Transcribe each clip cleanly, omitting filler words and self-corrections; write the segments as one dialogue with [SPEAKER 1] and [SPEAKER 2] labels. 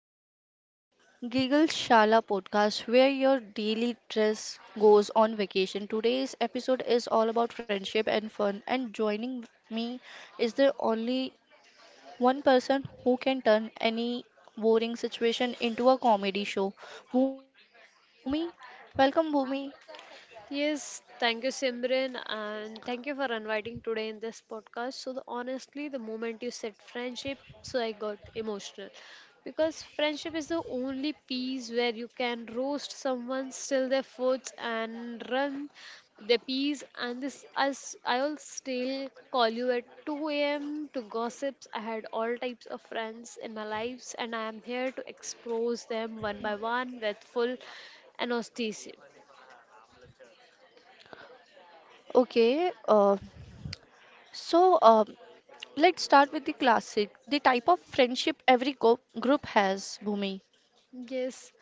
[SPEAKER 1] back to the Giggle Shala podcast where your daily stress goes on vacation. Today's episode is all about friendship and fun, and joining me is the only one person who can turn any boring situation into a comedy show. Bhumi, welcome Bhumi.
[SPEAKER 2] Yes, thank you, Simran, and thank you for inviting today in this podcast. So, the, honestly, the moment you said friendship, so I got emotional because friendship is the only piece where you can roast someone, steal their foods, and run their peas. And this, as I'll still call you at 2 a.m. to gossips. I had all types of friends in my lives, and I am here to expose them one by one with full anesthesia.
[SPEAKER 1] Okay, uh, so uh, let's start with the classic, the type of friendship every group has, Bhumi.
[SPEAKER 2] Yes,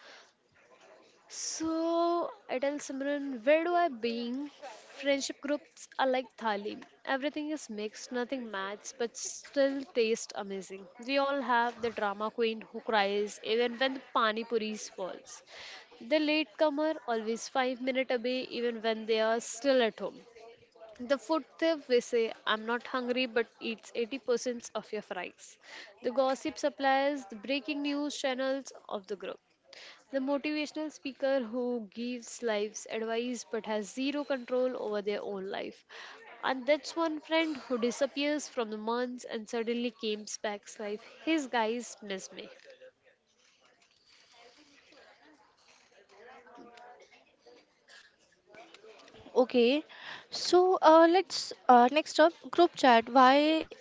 [SPEAKER 2] so I tell Simran, where do I being? Friendship groups are like thali. Everything is mixed, nothing matches, but still taste amazing. We all have the drama queen who cries even when the pani puris falls. The latecomer always 5 minutes away even when they are still at home. The food thief will say, I'm not hungry but eats 80% of your fries. The gossip supplies the breaking news channels of the group. The motivational speaker who gives lives advice but has zero control over their own life. And that's one friend who disappears from the months and suddenly comes back life. His guys miss me.
[SPEAKER 1] Okay, let's next up group chat. Why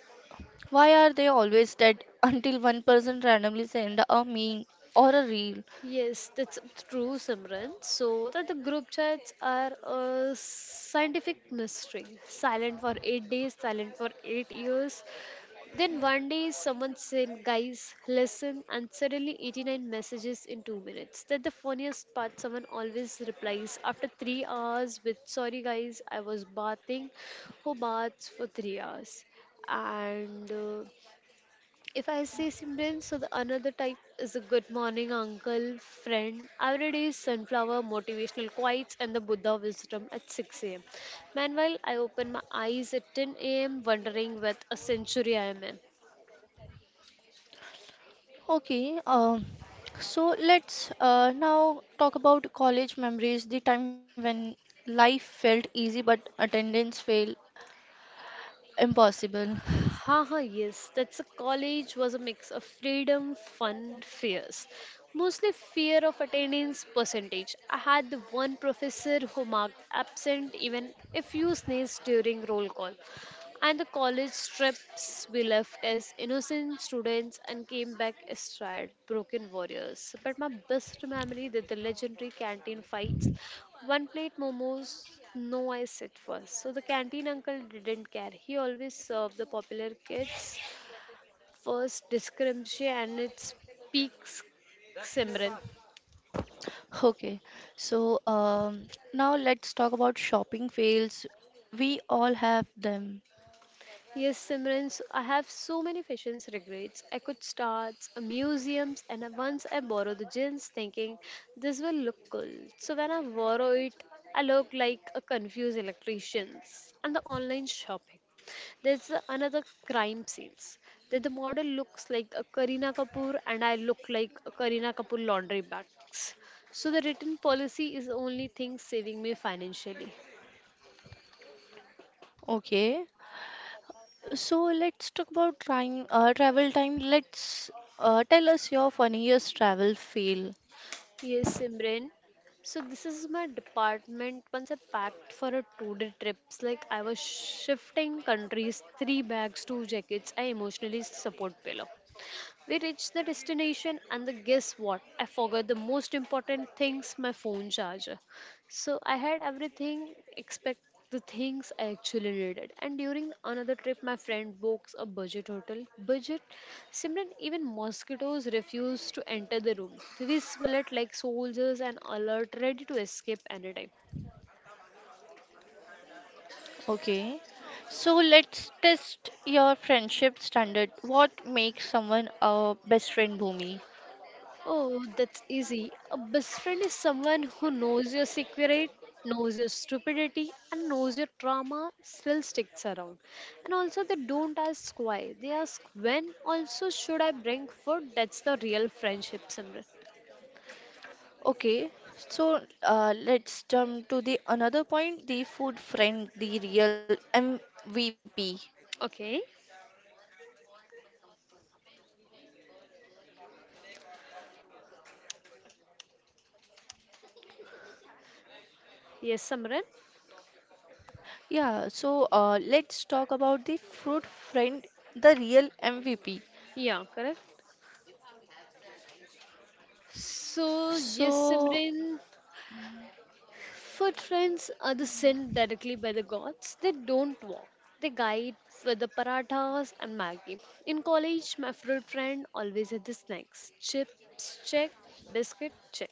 [SPEAKER 1] why are they always dead until one person randomly send a meme or a reel?
[SPEAKER 2] Yes, that's true, Simran. So that the group chats are a scientific mystery. Silent for 8 days, silent for 8 years, then one day someone said, guys, listen, and suddenly 89 messages in 2 minutes. That the funniest part, someone always replies after 3 hours with, sorry guys, I was bathing. Who baths for 3 hours? And if I say Simran, so the another type is a good morning uncle, friend, every day is sunflower, motivational quotes, and the Buddha wisdom at 6 a.m. Meanwhile, I open my eyes at 10 a.m., wondering what a century I am in.
[SPEAKER 1] Okay, um, let's now talk about college memories, the time when life felt easy but attendance felt impossible.
[SPEAKER 2] Haha, yes, that's a college was a mix of freedom, fun, fears. Mostly fear of attendance percentage. I had the one professor who marked absent even if you sneezed during roll call. And the college trips we left as innocent students and came back as tired, broken warriors. But my best memory that the legendary canteen fights. One plate momos, no ice at first. So the canteen uncle didn't care. He always served the popular kids first discrepancy and its peaks Simran.
[SPEAKER 1] Okay, Now let's talk about shopping fails. We all have them.
[SPEAKER 2] Yes, Simran, so I have so many fashions regrets. I could start museums, and once I borrowed the jeans thinking this will look cool. So when I borrow it, I look like a confused electrician. And the online shopping. Another crime scenes that the model looks like a Karina Kapoor and I look like a Karina Kapoor laundry bags. So the written policy is only thing saving me financially.
[SPEAKER 1] Okay. So let's talk about time, travel time. Let's Tell us your funniest travel fail.
[SPEAKER 2] Yes, Simran. So this is my department once I packed for a two-day trips. Like I was shifting countries, three bags, two jackets, I emotionally support pillow. We reached the destination, and the guess what? I forgot the most important things my phone charger. So I had everything except the things I actually needed. And during another trip, my friend books a budget hotel. Budget, Simran, even mosquitoes refused to enter the room. We slept like soldiers and alert, ready to escape anytime.
[SPEAKER 1] Okay. So let's test your friendship standard. What makes someone a best friend, Bhumi?
[SPEAKER 2] Oh, that's easy. A best friend is someone who knows your secret, knows your stupidity, and knows your trauma still sticks around. And also, they don't ask why, they ask when. Also, should I bring food? That's the real friendship, Simran.
[SPEAKER 1] Okay. Let's jump to the another point, the food friend, the real MVP.
[SPEAKER 2] Okay. Yes, Simran.
[SPEAKER 1] Yeah. Let's talk about the food friend, the real MVP.
[SPEAKER 2] Yeah, correct. So, yes,
[SPEAKER 1] So
[SPEAKER 2] Simran. Foot friends are the sent directly by the gods. They don't walk. They guide with the parathas and Maggi. In college, my fruit friend always had the snacks. Chips, check. Biscuit, check.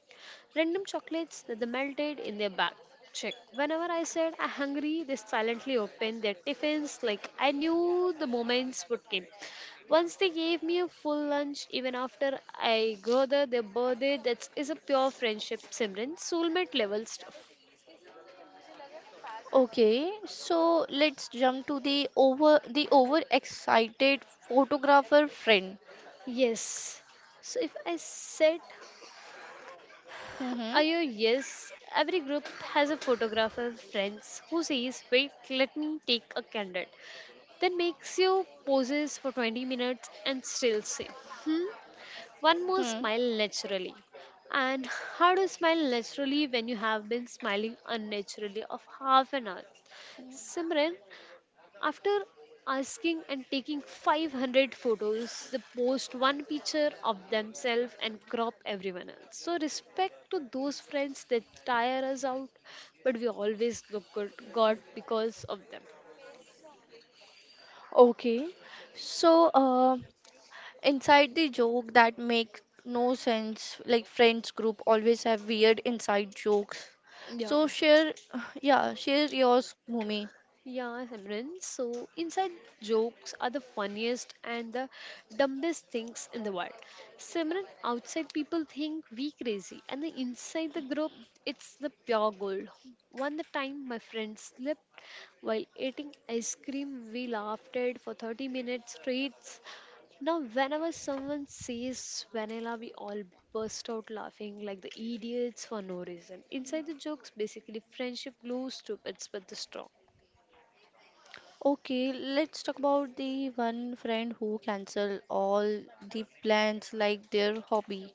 [SPEAKER 2] Random chocolates that they melted in their bag, check. Whenever I said I'm hungry, they silently opened their tiffins like I knew the moments would come. Once they gave me a full lunch, even after I grew the their birthday, that is a pure friendship, Simran. Soulmate level stuff.
[SPEAKER 1] okay, so let's jump to the over the overexcited photographer friend.
[SPEAKER 2] Yes. So if I said,
[SPEAKER 1] Mm-hmm.
[SPEAKER 2] are you yes? Every group has a photographer, friends, who says, wait, let me take a candid. Then makes you poses for 20 minutes and still say, hmm? One more
[SPEAKER 1] Hmm.
[SPEAKER 2] smile naturally. And how to smile naturally when you have been smiling unnaturally of half an hour? Simran, after asking and taking 500 photos, they post one picture of themselves and crop everyone else. So, respect to those friends that tire us out, but we always look good, God because of them.
[SPEAKER 1] Okay, so uh, Inside the joke that make no sense, like friends group always have weird inside jokes.
[SPEAKER 2] Yeah.
[SPEAKER 1] So share, yeah, share yours, Mumi.
[SPEAKER 2] Yeah, Simran. So, inside jokes are the funniest and the dumbest things in the world. Simran, outside people think we crazy, and the inside the group, it's the pure gold. One the time my friend slipped while eating ice cream, we laughed at for 30 minutes straight. Now, whenever someone says vanilla, we all burst out laughing like the idiots for no reason. Inside the jokes, basically friendship glue, stupid but the strong.
[SPEAKER 1] Okay, let's talk about the one friend who cancel all the plans like their hobby.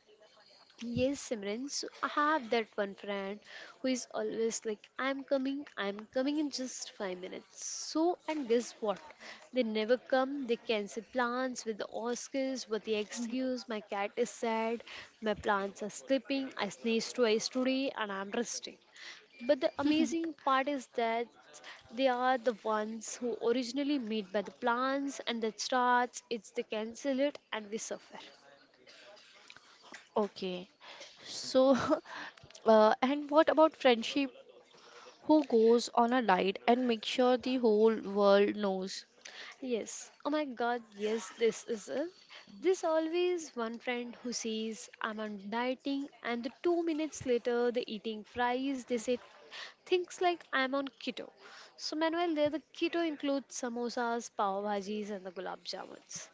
[SPEAKER 2] Yes, Simran. So I have that one friend who is always like, I'm coming in just 5 minutes. So, and guess what? They never come, they cancel plans with the Oscars, with the excuse, my cat is sad, my plants are sleeping, I sneezed twice today, and I'm resting. But the amazing part is that they are the ones who originally made by the plants and the starts, it's the cancel it and we suffer.
[SPEAKER 1] Okay. So, and what about friendship? Who goes on a diet and make sure the whole world knows?
[SPEAKER 2] Yes. Oh my god, yes, this is it. There's always one friend who says, I'm on dieting, and the 2 minutes later, they're eating fries. They say things like, I'm on keto. So, meanwhile, there the keto includes samosas, pav bhajis, and the gulab jamuns.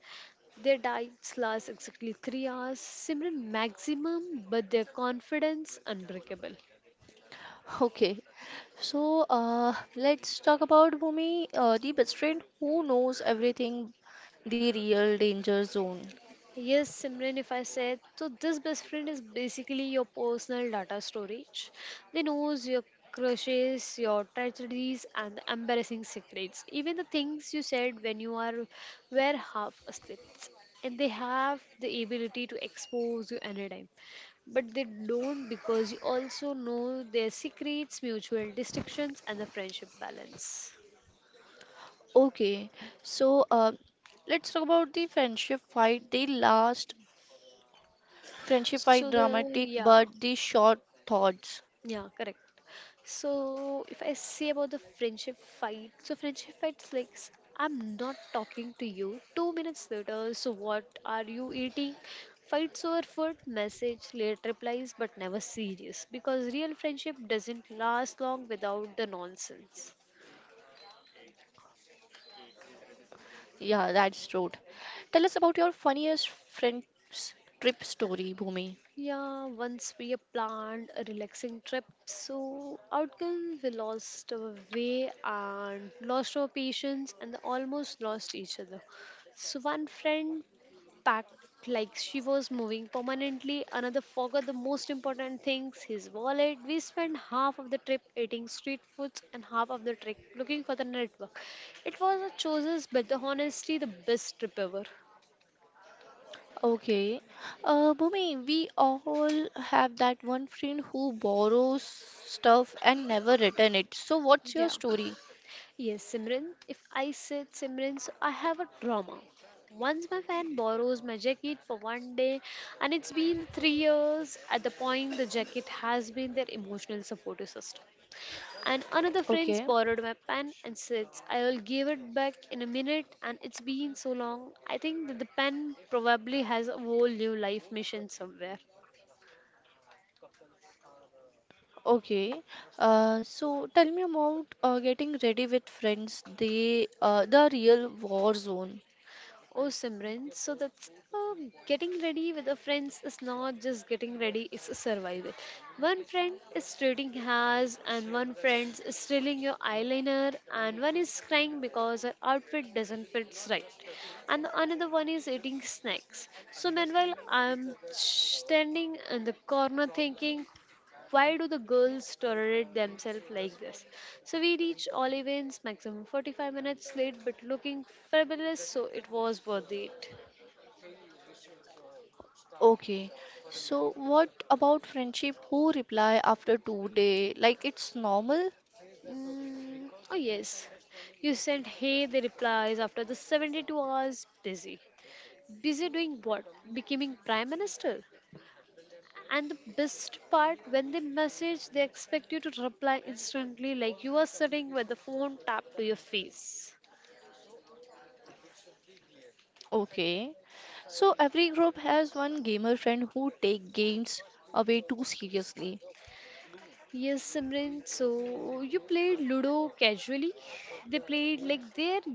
[SPEAKER 2] Their diets last exactly 3 hours, similar maximum, but their confidence unbreakable.
[SPEAKER 1] Okay. So, let's talk about Bhumi, the best friend who knows everything, the real danger zone.
[SPEAKER 2] Yes, Simran, if I said so, this best friend is basically your personal data storage. They knows your crushes, your tragedies, and the embarrassing secrets, even the things you said when you are were half asleep. And they have the ability to expose you anytime, but they don't because you also know their secrets, mutual distractions, and the friendship balance.
[SPEAKER 1] Okay, so uh, let's talk about the friendship fight, the last friendship fight,
[SPEAKER 2] So the
[SPEAKER 1] dramatic
[SPEAKER 2] yeah,
[SPEAKER 1] but the short thoughts.
[SPEAKER 2] yeah, correct. So if I say about the friendship fight, so friendship fights like I'm not talking to you. 2 minutes later, so what are you eating? Fights over food, message, late replies, but never serious. Because real friendship doesn't last long without the nonsense.
[SPEAKER 1] Yeah, that's true. Tell us about your funniest friends trip story, Bhumi.
[SPEAKER 2] Yeah, once we have planned a relaxing trip, so outcome we lost our way and lost our patience and almost lost each other. So one friend packed like she was moving permanently. Another forgot the most important things his wallet. We spent half of the trip eating street foods and half of the trip looking for the network. It was a choices, but the honesty, the best trip ever.
[SPEAKER 1] Okay. Bhumi, we all have that one friend who borrows stuff and never return it. So what's your
[SPEAKER 2] Yeah.
[SPEAKER 1] story?
[SPEAKER 2] Yes, Simran. If I said Simran, so I have a drama. Once my friend borrows my jacket for one day, and it's been 3 years. At the point, the jacket has been their emotional support system. And another
[SPEAKER 1] Okay.
[SPEAKER 2] friend's borrowed my pen and says, I will give it back in a minute, and it's been so long. I think that the pen probably has a whole new life mission somewhere.
[SPEAKER 1] Okay. Tell me about getting ready with friends, the real war zone.
[SPEAKER 2] Oh, Simran, so that's getting ready with the friends is not just getting ready, it's a survival. One friend is treating hairs, and one friend is stealing your eyeliner, and one is crying because her outfit doesn't fit right, and the another one is eating snacks. So, meanwhile, I'm standing in the corner thinking, why do the girls tolerate themselves like this? So we reached Olivin's maximum 45 minutes late, but looking fabulous, so it was worth it.
[SPEAKER 1] Okay. So what about friendship? Who reply after 2 days? Like it's normal?
[SPEAKER 2] Mm, oh, yes. You sent hey, the replies after the 72 hours busy. Busy doing what? Becoming prime minister? And the best part, when they message, they expect you to reply instantly, like you are sitting with the phone tapped to your face.
[SPEAKER 1] Okay. So every group has one gamer friend who take games away too seriously.
[SPEAKER 2] Yes, Simran. So you played Ludo casually. They played like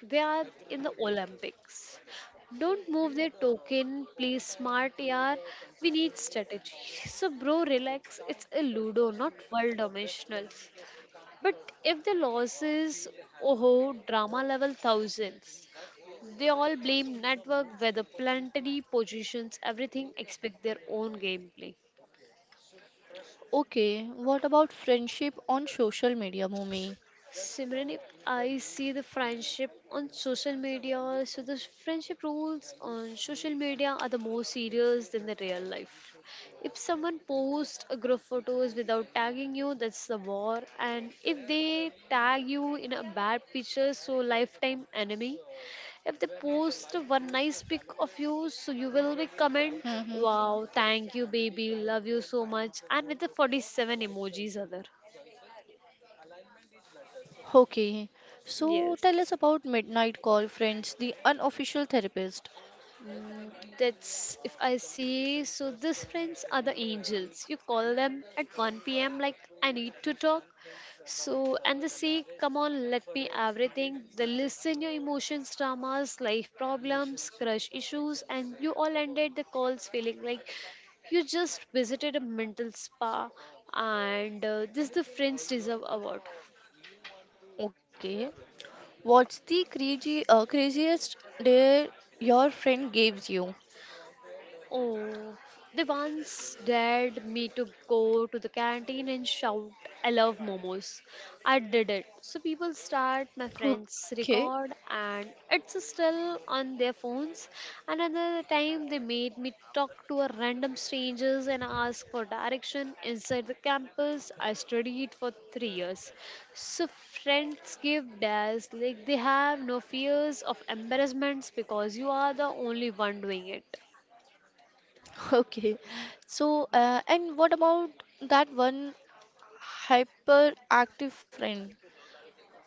[SPEAKER 2] they are in the Olympics. Don't move their token. Play smart, yaar. We need strategy. So bro, relax. It's a Ludo, not world dominational. But if the loss is oh, drama level thousands. They all blame network, weather, planetary positions, everything. Expect their own gameplay.
[SPEAKER 1] Okay, what about friendship on social media, Mumi?
[SPEAKER 2] Simran, if I see the friendship on social media, so the friendship rules on social media are the more serious than the real life. If someone posts a group photos without tagging you, that's the war. And if they tag you in a bad picture, so lifetime enemy. If they post one nice pic of you, so you will be comment,
[SPEAKER 1] Mm-hmm.
[SPEAKER 2] wow, thank you, baby, love you so much, and with the 47 emojis other.
[SPEAKER 1] Okay. So tell
[SPEAKER 2] Yes.
[SPEAKER 1] us about Midnight Call Friends, the unofficial therapist.
[SPEAKER 2] Mm, that's if I see. So these friends are the angels. You call them at 1 p.m. like I need to talk. So and they say, come on, let me everything. They listen your emotions, dramas, life problems, crush issues, and you all ended the calls feeling like you just visited a mental spa. And this the friends deserve award.
[SPEAKER 1] Okay. What's the crazy craziest dare your friend gives you?
[SPEAKER 2] Oh, they once dared me to go to the canteen and shout, "I love momos." I did it. So people start, my friends
[SPEAKER 1] Okay.
[SPEAKER 2] record, and it's still on their phones. Another time, they made me talk to a random strangers and ask for direction inside the campus. I studied for 3 years. So friends give dares, like they have no fears of embarrassments because you are the only one doing it.
[SPEAKER 1] Okay. And what about that one hyperactive friend?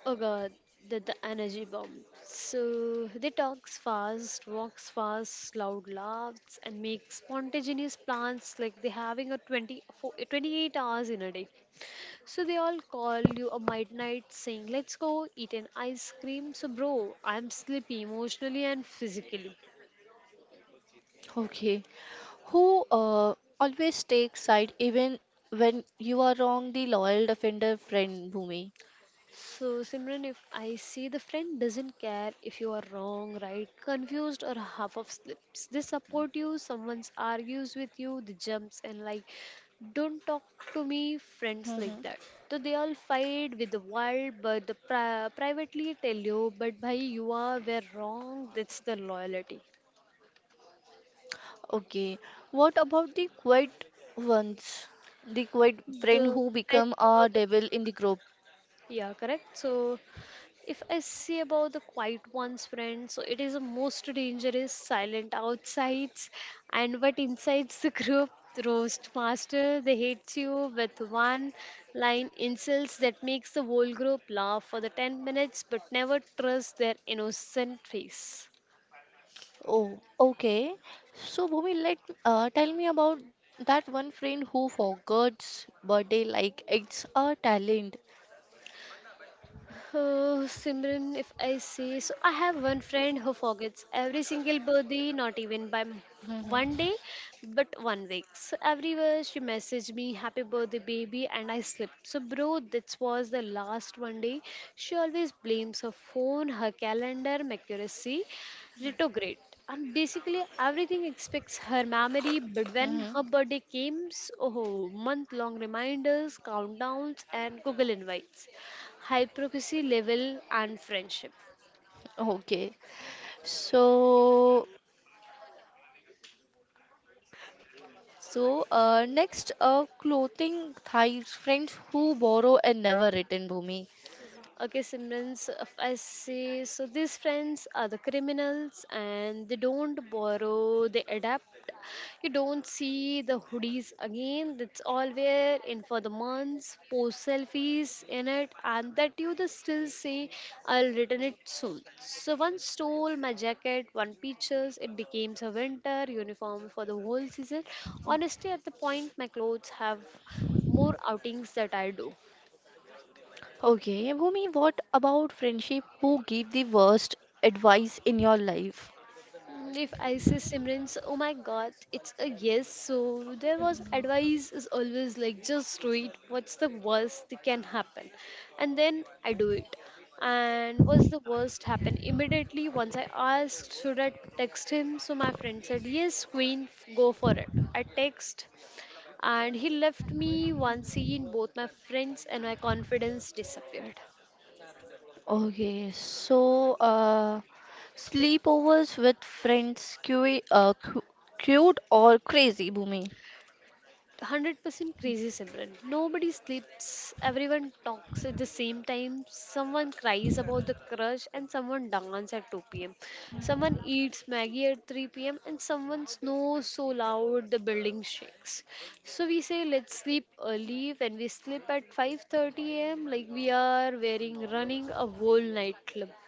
[SPEAKER 2] Oh god, the energy bomb. So they talks fast, walks fast, loud laughs, and make spontaneous plans like they having a 28 hours in a day. So they all call you a midnight saying, "Let's go eat an ice cream." So, bro, I'm sleepy emotionally and physically.
[SPEAKER 1] Okay. Who always takes side even when you are wrong, the loyal defender friend Bhumi.
[SPEAKER 2] So, Simran, if I see the friend doesn't care if you are wrong, right, confused, or half of slips, they support you, someone argues with you, they jumps and like, don't talk to me, friends
[SPEAKER 1] Mm-hmm.
[SPEAKER 2] like that. So they all fight with the world, but the privately tell you, but bhai, you are were wrong. That's the loyalty.
[SPEAKER 1] Okay. What about the quiet ones? The quiet friend
[SPEAKER 2] The
[SPEAKER 1] who become a devil in the group.
[SPEAKER 2] yeah, correct. So if I say about the quiet one's friend, so it is the most dangerous, silent outsides, and but inside the group, roast master, they hate you with one line insults that makes the whole group laugh for the 10 minutes, but never trust their innocent face.
[SPEAKER 1] Oh, okay. So Bhumi, let tell me about that one friend who forgets birthday like it's a talent.
[SPEAKER 2] Oh, Simran, if I say so, I have one friend who forgets every single birthday, not even by one
[SPEAKER 1] Mm-hmm.
[SPEAKER 2] day, but 1 week. So everywhere she messaged me, "Happy birthday, baby," and I slipped. So, bro, this was the last 1 day. She always blames her phone, her calendar, Mercury, retrograde, and basically everything expects her memory. But when
[SPEAKER 1] Mm-hmm.
[SPEAKER 2] her birthday came, oh, month-long reminders, countdowns, and Google invites hypocrisy level and friendship.
[SPEAKER 1] Okay. So next, clothing thighs, friends who borrow and never return, Bhumi.
[SPEAKER 2] Okay, Simran's, if I say, so these friends are the criminals and they don't borrow, they adapt. You don't see the hoodies again, that's all we're in for the months, post selfies in it, and that you the still say, "I'll return it soon." So one stole my jacket, one peaches, it became a winter uniform for the whole season. Honestly, at the point, my clothes have more outings that I do.
[SPEAKER 1] Okay, Bhumi, what about friendship? Who gave the worst advice in your life?
[SPEAKER 2] If I say Simran's, oh my god, it's a yes. So there was advice is always like just do it. What's the worst that can happen? And then I do it. And what's the worst happen? Immediately once I asked, should I text him? So my friend said, "Yes, queen, go for it." I text and he left me once seen both my friends and my confidence disappeared.
[SPEAKER 1] Okay, sleepovers with friends, cu cu cute or crazy, Bhumi?
[SPEAKER 2] 100% crazy Simran. Nobody sleeps, everyone talks at the same time. Someone cries about the crush, and someone dances at 2 pm. Someone eats Maggie at 3 p.m., and someone snores so loud the building shakes. So we say let's sleep early. When we sleep at 5:30 a.m., like we are wearing running a whole nightclub.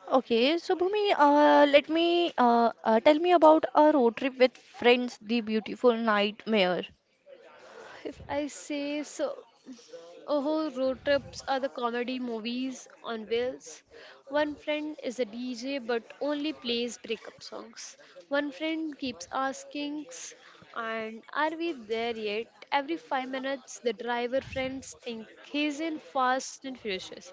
[SPEAKER 1] Okay, so Bhumi, let me tell me about a road trip with friends, the beautiful nightmare.
[SPEAKER 2] If I say so, oh, road trips are the comedy movies on wheels. One friend is a DJ but only plays breakup songs. One friend keeps asking, "And are we there yet?" Every 5 minutes, the driver friends think he's in Fast and Furious.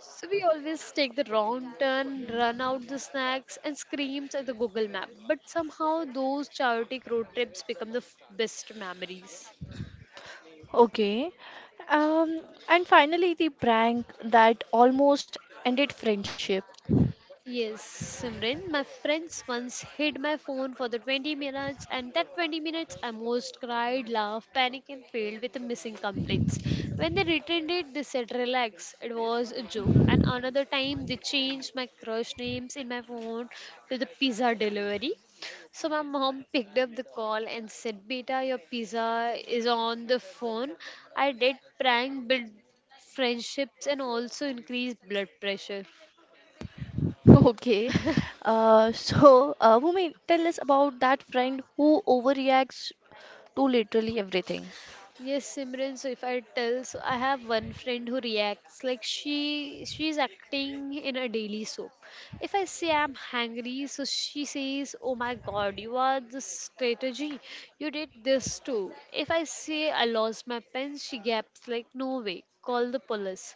[SPEAKER 2] So we always take the wrong turn, run out the snacks, and screams at the Google Map. But somehow, those chaotic road trips become the best memories.
[SPEAKER 1] Okay. Um, and finally, the prank that almost ended friendship.
[SPEAKER 2] Yes, Simran, my friends once hid my phone for the 20 minutes, and that 20 minutes I most cried, laughed, panicked, and failed with the missing complaints. When they returned it, they said, "Relax, it was a joke." And another time, they changed my crush names in my phone to the pizza delivery. So my mom picked up the call and said, "Beta, your pizza is on the phone." I did prank, build friendships, and also increased blood pressure.
[SPEAKER 1] Okay. Bhumi, tell us about that friend who overreacts to literally everything.
[SPEAKER 2] Yes, Simran. So if I tell, so I have one friend who reacts like she's acting in a daily soap. If I say I'm hungry, so she says, "Oh my God, you are the strategy. You did this too." If I say I lost my pen, she gaps like, "No way, call the police."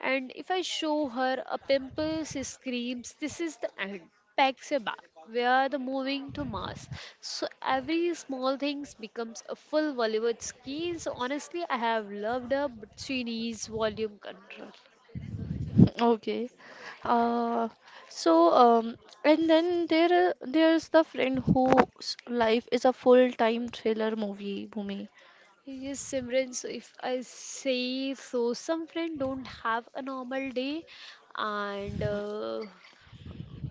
[SPEAKER 2] And if I show her a pimple, she screams, "This is the end. Packs her back. We are the moving to Mars." So every small things becomes a full Bollywood scheme. So honestly, I have loved her, but she needs volume control.
[SPEAKER 1] Okay. Uh, so, um, and then there's the friend whose life is a full-time thriller movie, Bhumi.
[SPEAKER 2] Yes, Simran. So if I say so, some friend don't have a normal day, and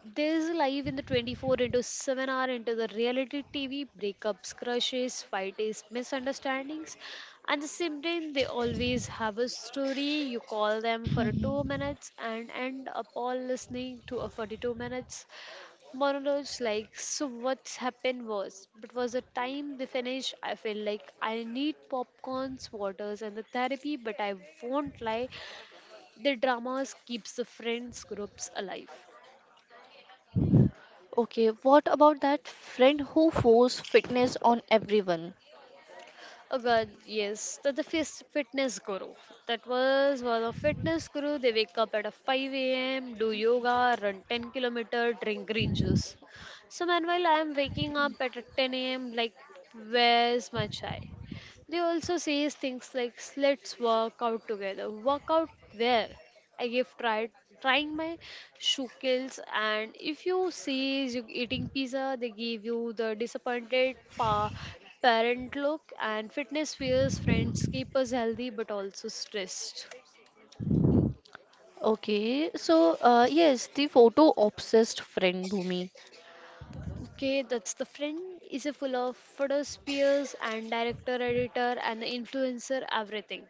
[SPEAKER 2] there's a live in the 24 into 7-hour into the reality TV, breakups, crushes, fights, misunderstandings. And the same they always have a story. You call them for two
[SPEAKER 1] Mhm.
[SPEAKER 2] minutes and end up all listening to a 42 minutes monologues like, so what's happened was, but was the time they finish, I feel like I need popcorns, waters and the therapy, but I won't lie, the dramas keeps the friends groups alive.
[SPEAKER 1] Okay, what about that friend who forced fitness on everyone?
[SPEAKER 2] Oh God, yes, the fitness guru. That was one of fitness guru. They wake up at a 5 a.m., do yoga, run 10-kilometer, drink green juice. So meanwhile, I am waking up at a 10 a.m. Like, where's my chai? They also say things like, "Let's work out together." Work out where? I give trying my shukels, and if you see you eating pizza they give you the disappointed parent look, and fitness fears friends keep us healthy but also stressed.
[SPEAKER 1] Okay, yes, the photo obsessed friend Bhumi.
[SPEAKER 2] Okay, that's the friend is a full of photospheres and director editor and the influencer everything.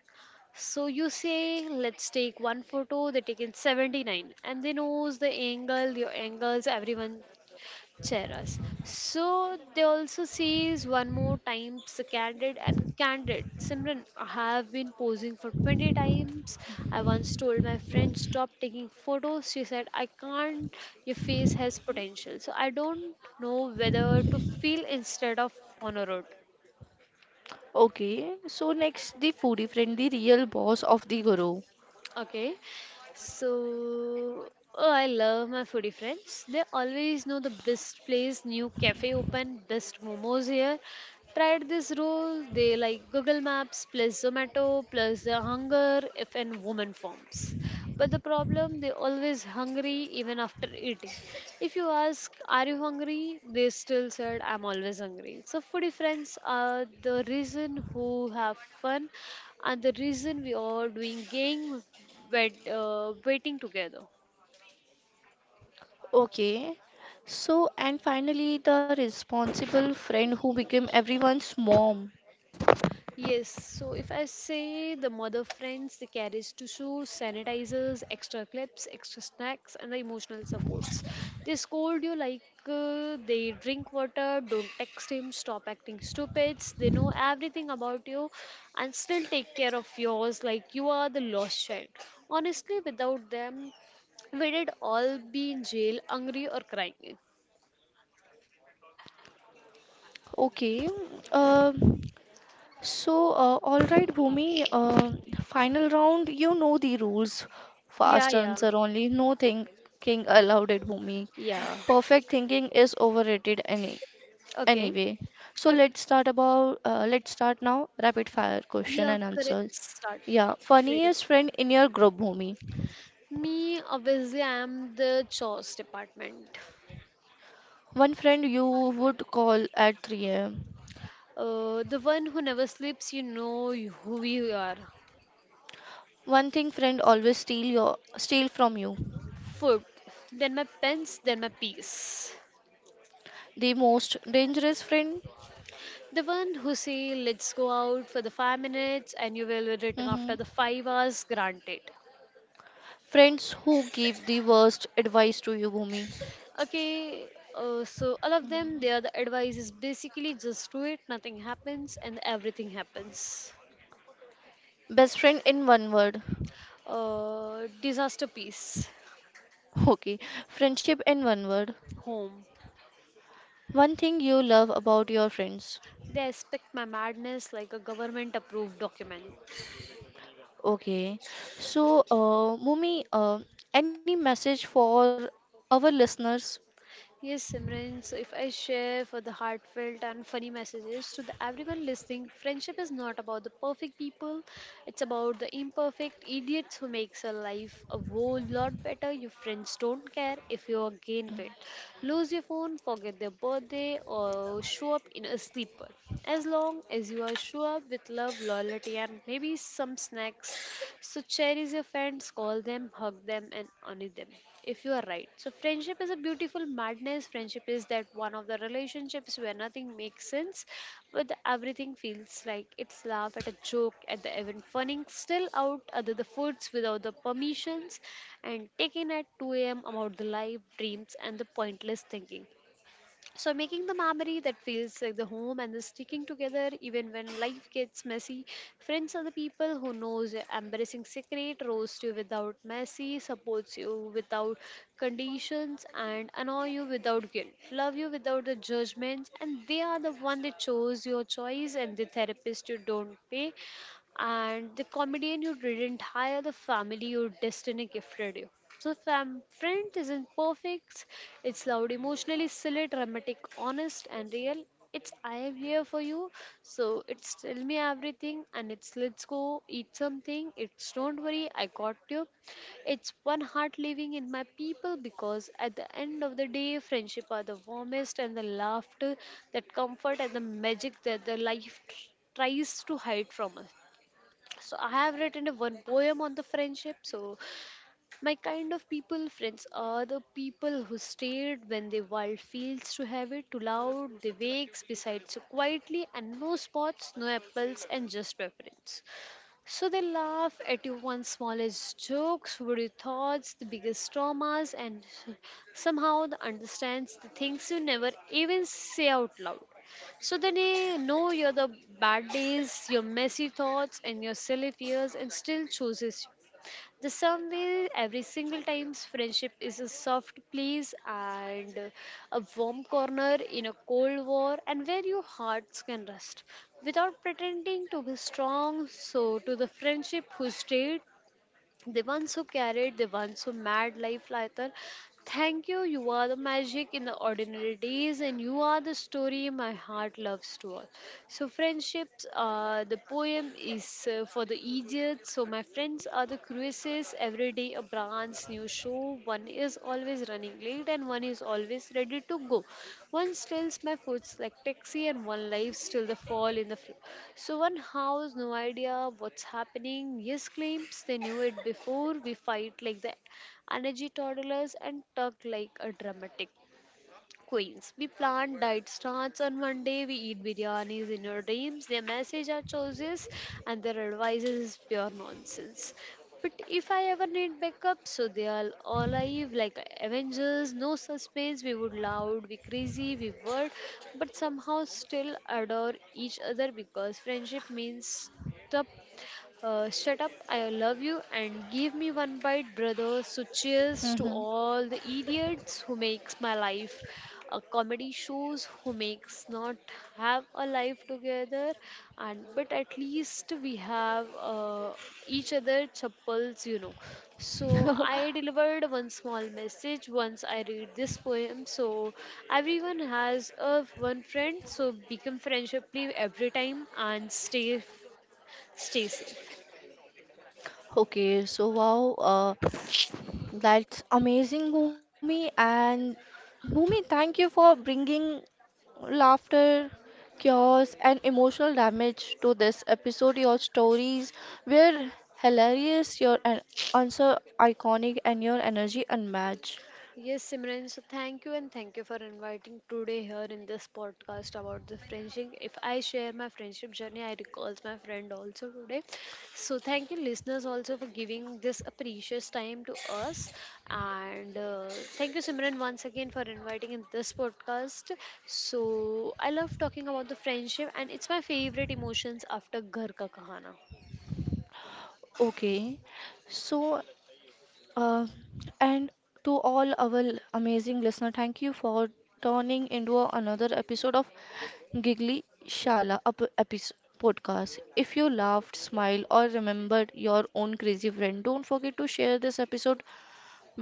[SPEAKER 2] So you say, "Let's take one photo," they take in 79 and they knows the angle, your angles, everyone share us. So they also says one more times the candid and candid. Simran, I have been posing for 20 times. I once told my friend stop taking photos. She said, "I can't, your face has potential." So I don't know whether to feel instead of honor.
[SPEAKER 1] Okay, so next the foodie friend, the real boss of the guru.
[SPEAKER 2] Okay, so oh, I love my foodie friends. They always know the best place, new cafe open, best momos here. Tried this roll, they like Google Maps plus Zomato plus the hunger if an woman forms. But the problem, they always hungry even after eating. If you ask, "Are you hungry?" They still said, "I'm always hungry." So foodie friends are the reason who have fun and the reason we are doing waiting together.
[SPEAKER 1] Okay, so and finally the responsible friend who became everyone's mom.
[SPEAKER 2] Yes, so if I say the mother friends, the carriage to shoes, sanitizers, extra clips, extra snacks, and the emotional supports. They scold you like they drink water, don't text him, stop acting stupid. They know everything about you and still take care of yours like you are the lost child. Honestly, without them, we did all be in jail, hungry, or crying.
[SPEAKER 1] Okay, uh, all right, Bhumi, final round, you know the rules.
[SPEAKER 2] Yeah,
[SPEAKER 1] Fast
[SPEAKER 2] yeah,
[SPEAKER 1] answer only, no thinking allowed It, Bhumi.
[SPEAKER 2] yeah.
[SPEAKER 1] Perfect thinking is overrated, any.
[SPEAKER 2] Okay,
[SPEAKER 1] Anyway, so
[SPEAKER 2] okay.
[SPEAKER 1] let's start now rapid fire question
[SPEAKER 2] Yeah,
[SPEAKER 1] and
[SPEAKER 2] correct.
[SPEAKER 1] answer.
[SPEAKER 2] Start.
[SPEAKER 1] Yeah,
[SPEAKER 2] Ready.
[SPEAKER 1] funniest friend in your group, Bhumi.
[SPEAKER 2] Me, obviously, I am the chores department.
[SPEAKER 1] One friend you would call at 3 a.m.
[SPEAKER 2] The one who never sleeps, you know who we are.
[SPEAKER 1] One thing friend always steal your steal from you.
[SPEAKER 2] Food, then my pens, then my peas.
[SPEAKER 1] The most dangerous friend.
[SPEAKER 2] The one who say, "Let's go out for the 5 minutes," and you will return
[SPEAKER 1] Mhm.
[SPEAKER 2] after the 5 hours, granted.
[SPEAKER 1] Friends who give the worst advice to you, Bhumi.
[SPEAKER 2] Okay, so all of them, their the advice is basically just do it, nothing happens and everything happens.
[SPEAKER 1] Best friend in one word.
[SPEAKER 2] Disaster piece.
[SPEAKER 1] Okay, friendship in one word.
[SPEAKER 2] Home.
[SPEAKER 1] One thing you love about your friends.
[SPEAKER 2] They expect my madness like a government approved document.
[SPEAKER 1] Okay. So, Mumi, any message for our listeners?
[SPEAKER 2] Yes, Simran, so if I share for the heartfelt and funny messages to the everyone listening, friendship is not about the perfect people, it's about the imperfect idiots who makes a life a whole lot better. Your friends don't care if you gain weight, lose your phone, forget their birthday, or show up in a sleeper. As long as you are sure with love, loyalty, and maybe some snacks. So cherish your friends, call them, hug them, and honor them. If you are right. So friendship is a beautiful madness. Friendship is that one of the relationships where nothing makes sense, but everything feels like it's laugh at a joke at the event, funning still out other the foods without the permissions, and taking at 2 a.m. about the life, dreams, and the pointless thinking, so making the memory that feels like the home and the sticking together even when life gets messy. Friends are the people who knows your embarrassing secret, roast you without mercy, supports you without conditions, and annoy you without guilt, love you without the judgments, and they are the one that chose your choice, and the therapist you don't pay, and the comedian you didn't hire, the family your destiny gifted you. So, friends isn't perfect, it's loud, emotionally silly, dramatic, honest, and real. It's "I am here for you," so it's "tell me everything," and it's "let's go eat something." It's "don't worry, I got you." It's one heart living in my people, because at the end of the day, friendship are the warmest and the laughter, that comfort and the magic that the life tries to hide from us. So I have written a one poem on the friendship. So my kind of people friends are the people who stayed when the world feels too heavy, too loud. They wakes beside so quietly and no spots, no apples, and just preference. So they laugh at your one smallest jokes, worry thoughts, the biggest traumas, and somehow they understands the things you never even say out loud. So then they know you're the bad days, your messy thoughts, and your silly fears, and still chooses you. The sum way every single time's friendship is a soft place and a warm corner in a cold war, and where your hearts can rest without pretending to be strong. So to the friendship who stayed, the ones who carried, the ones who made life lighter, thank you. You are the magic in the ordinary days, and you are the story my heart loves to all. So friendships, the poem is for the idiots. So my friends are the cruises, every day a brand's new show. One is always running late and one is always ready to go. One steals my foods like taxi and one lives till the fall in the floor. So one house, no idea what's happening. Yes claims they knew it before. We fight like the energy toddlers and tug like a dramatic. Queens. We plant, diet starts and one day we eat biryanis in our dreams. Their message are choices and their advice is pure nonsense. But if I ever need backup, so they are all alive like Avengers, no suspense, we would loud, we crazy, we word, but somehow still adore each other because friendship means shut up, I love you, and give me one bite, brother. So, cheers to
[SPEAKER 1] Hmm.
[SPEAKER 2] all the idiots who makes my life a comedy shows, who makes not have a life together, and but at least we have each other chappals, you know. So, I delivered one small message once I read this poem. So, everyone has a one friend, so become friendship every time and stay safe.
[SPEAKER 1] Okay, so wow, that's amazing, Bhumi. And Bhumi, thank you for bringing laughter, chaos, and emotional damage to this episode. Your stories were hilarious, your an answer iconic, and your energy unmatched.
[SPEAKER 2] Yes, Simran, so thank you, and thank you for inviting today here in this podcast about the friendship. If I share my friendship journey, I recalls my friend also today. So thank you listeners also for giving this a precious time to us. And thank you Simran once again for inviting in this podcast. So I love talking about the friendship and it's my favorite emotions after ghar ka kahana.
[SPEAKER 1] Okay, so Uh, and to all our amazing listener, thank you for turning into another episode of Giggly Shala up episode podcast. If you laughed, smiled, or remembered your own crazy friend, don't forget to share this episode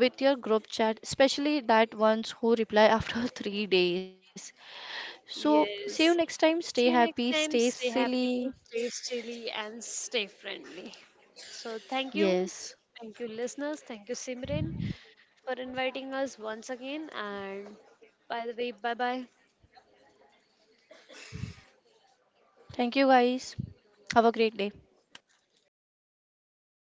[SPEAKER 1] with your group chat, especially that ones who reply after 3 days. So see you next
[SPEAKER 2] Yes.
[SPEAKER 1] time. Stay
[SPEAKER 2] See you
[SPEAKER 1] happy,
[SPEAKER 2] next
[SPEAKER 1] stay
[SPEAKER 2] time. Stay happy,
[SPEAKER 1] silly.
[SPEAKER 2] stay steely, and stay friendly. So, thank you.
[SPEAKER 1] Yes.
[SPEAKER 2] Thank you, listeners. Thank you, Simran, for inviting us once again. And by the way, bye bye.
[SPEAKER 1] Thank you guys. Have a great day.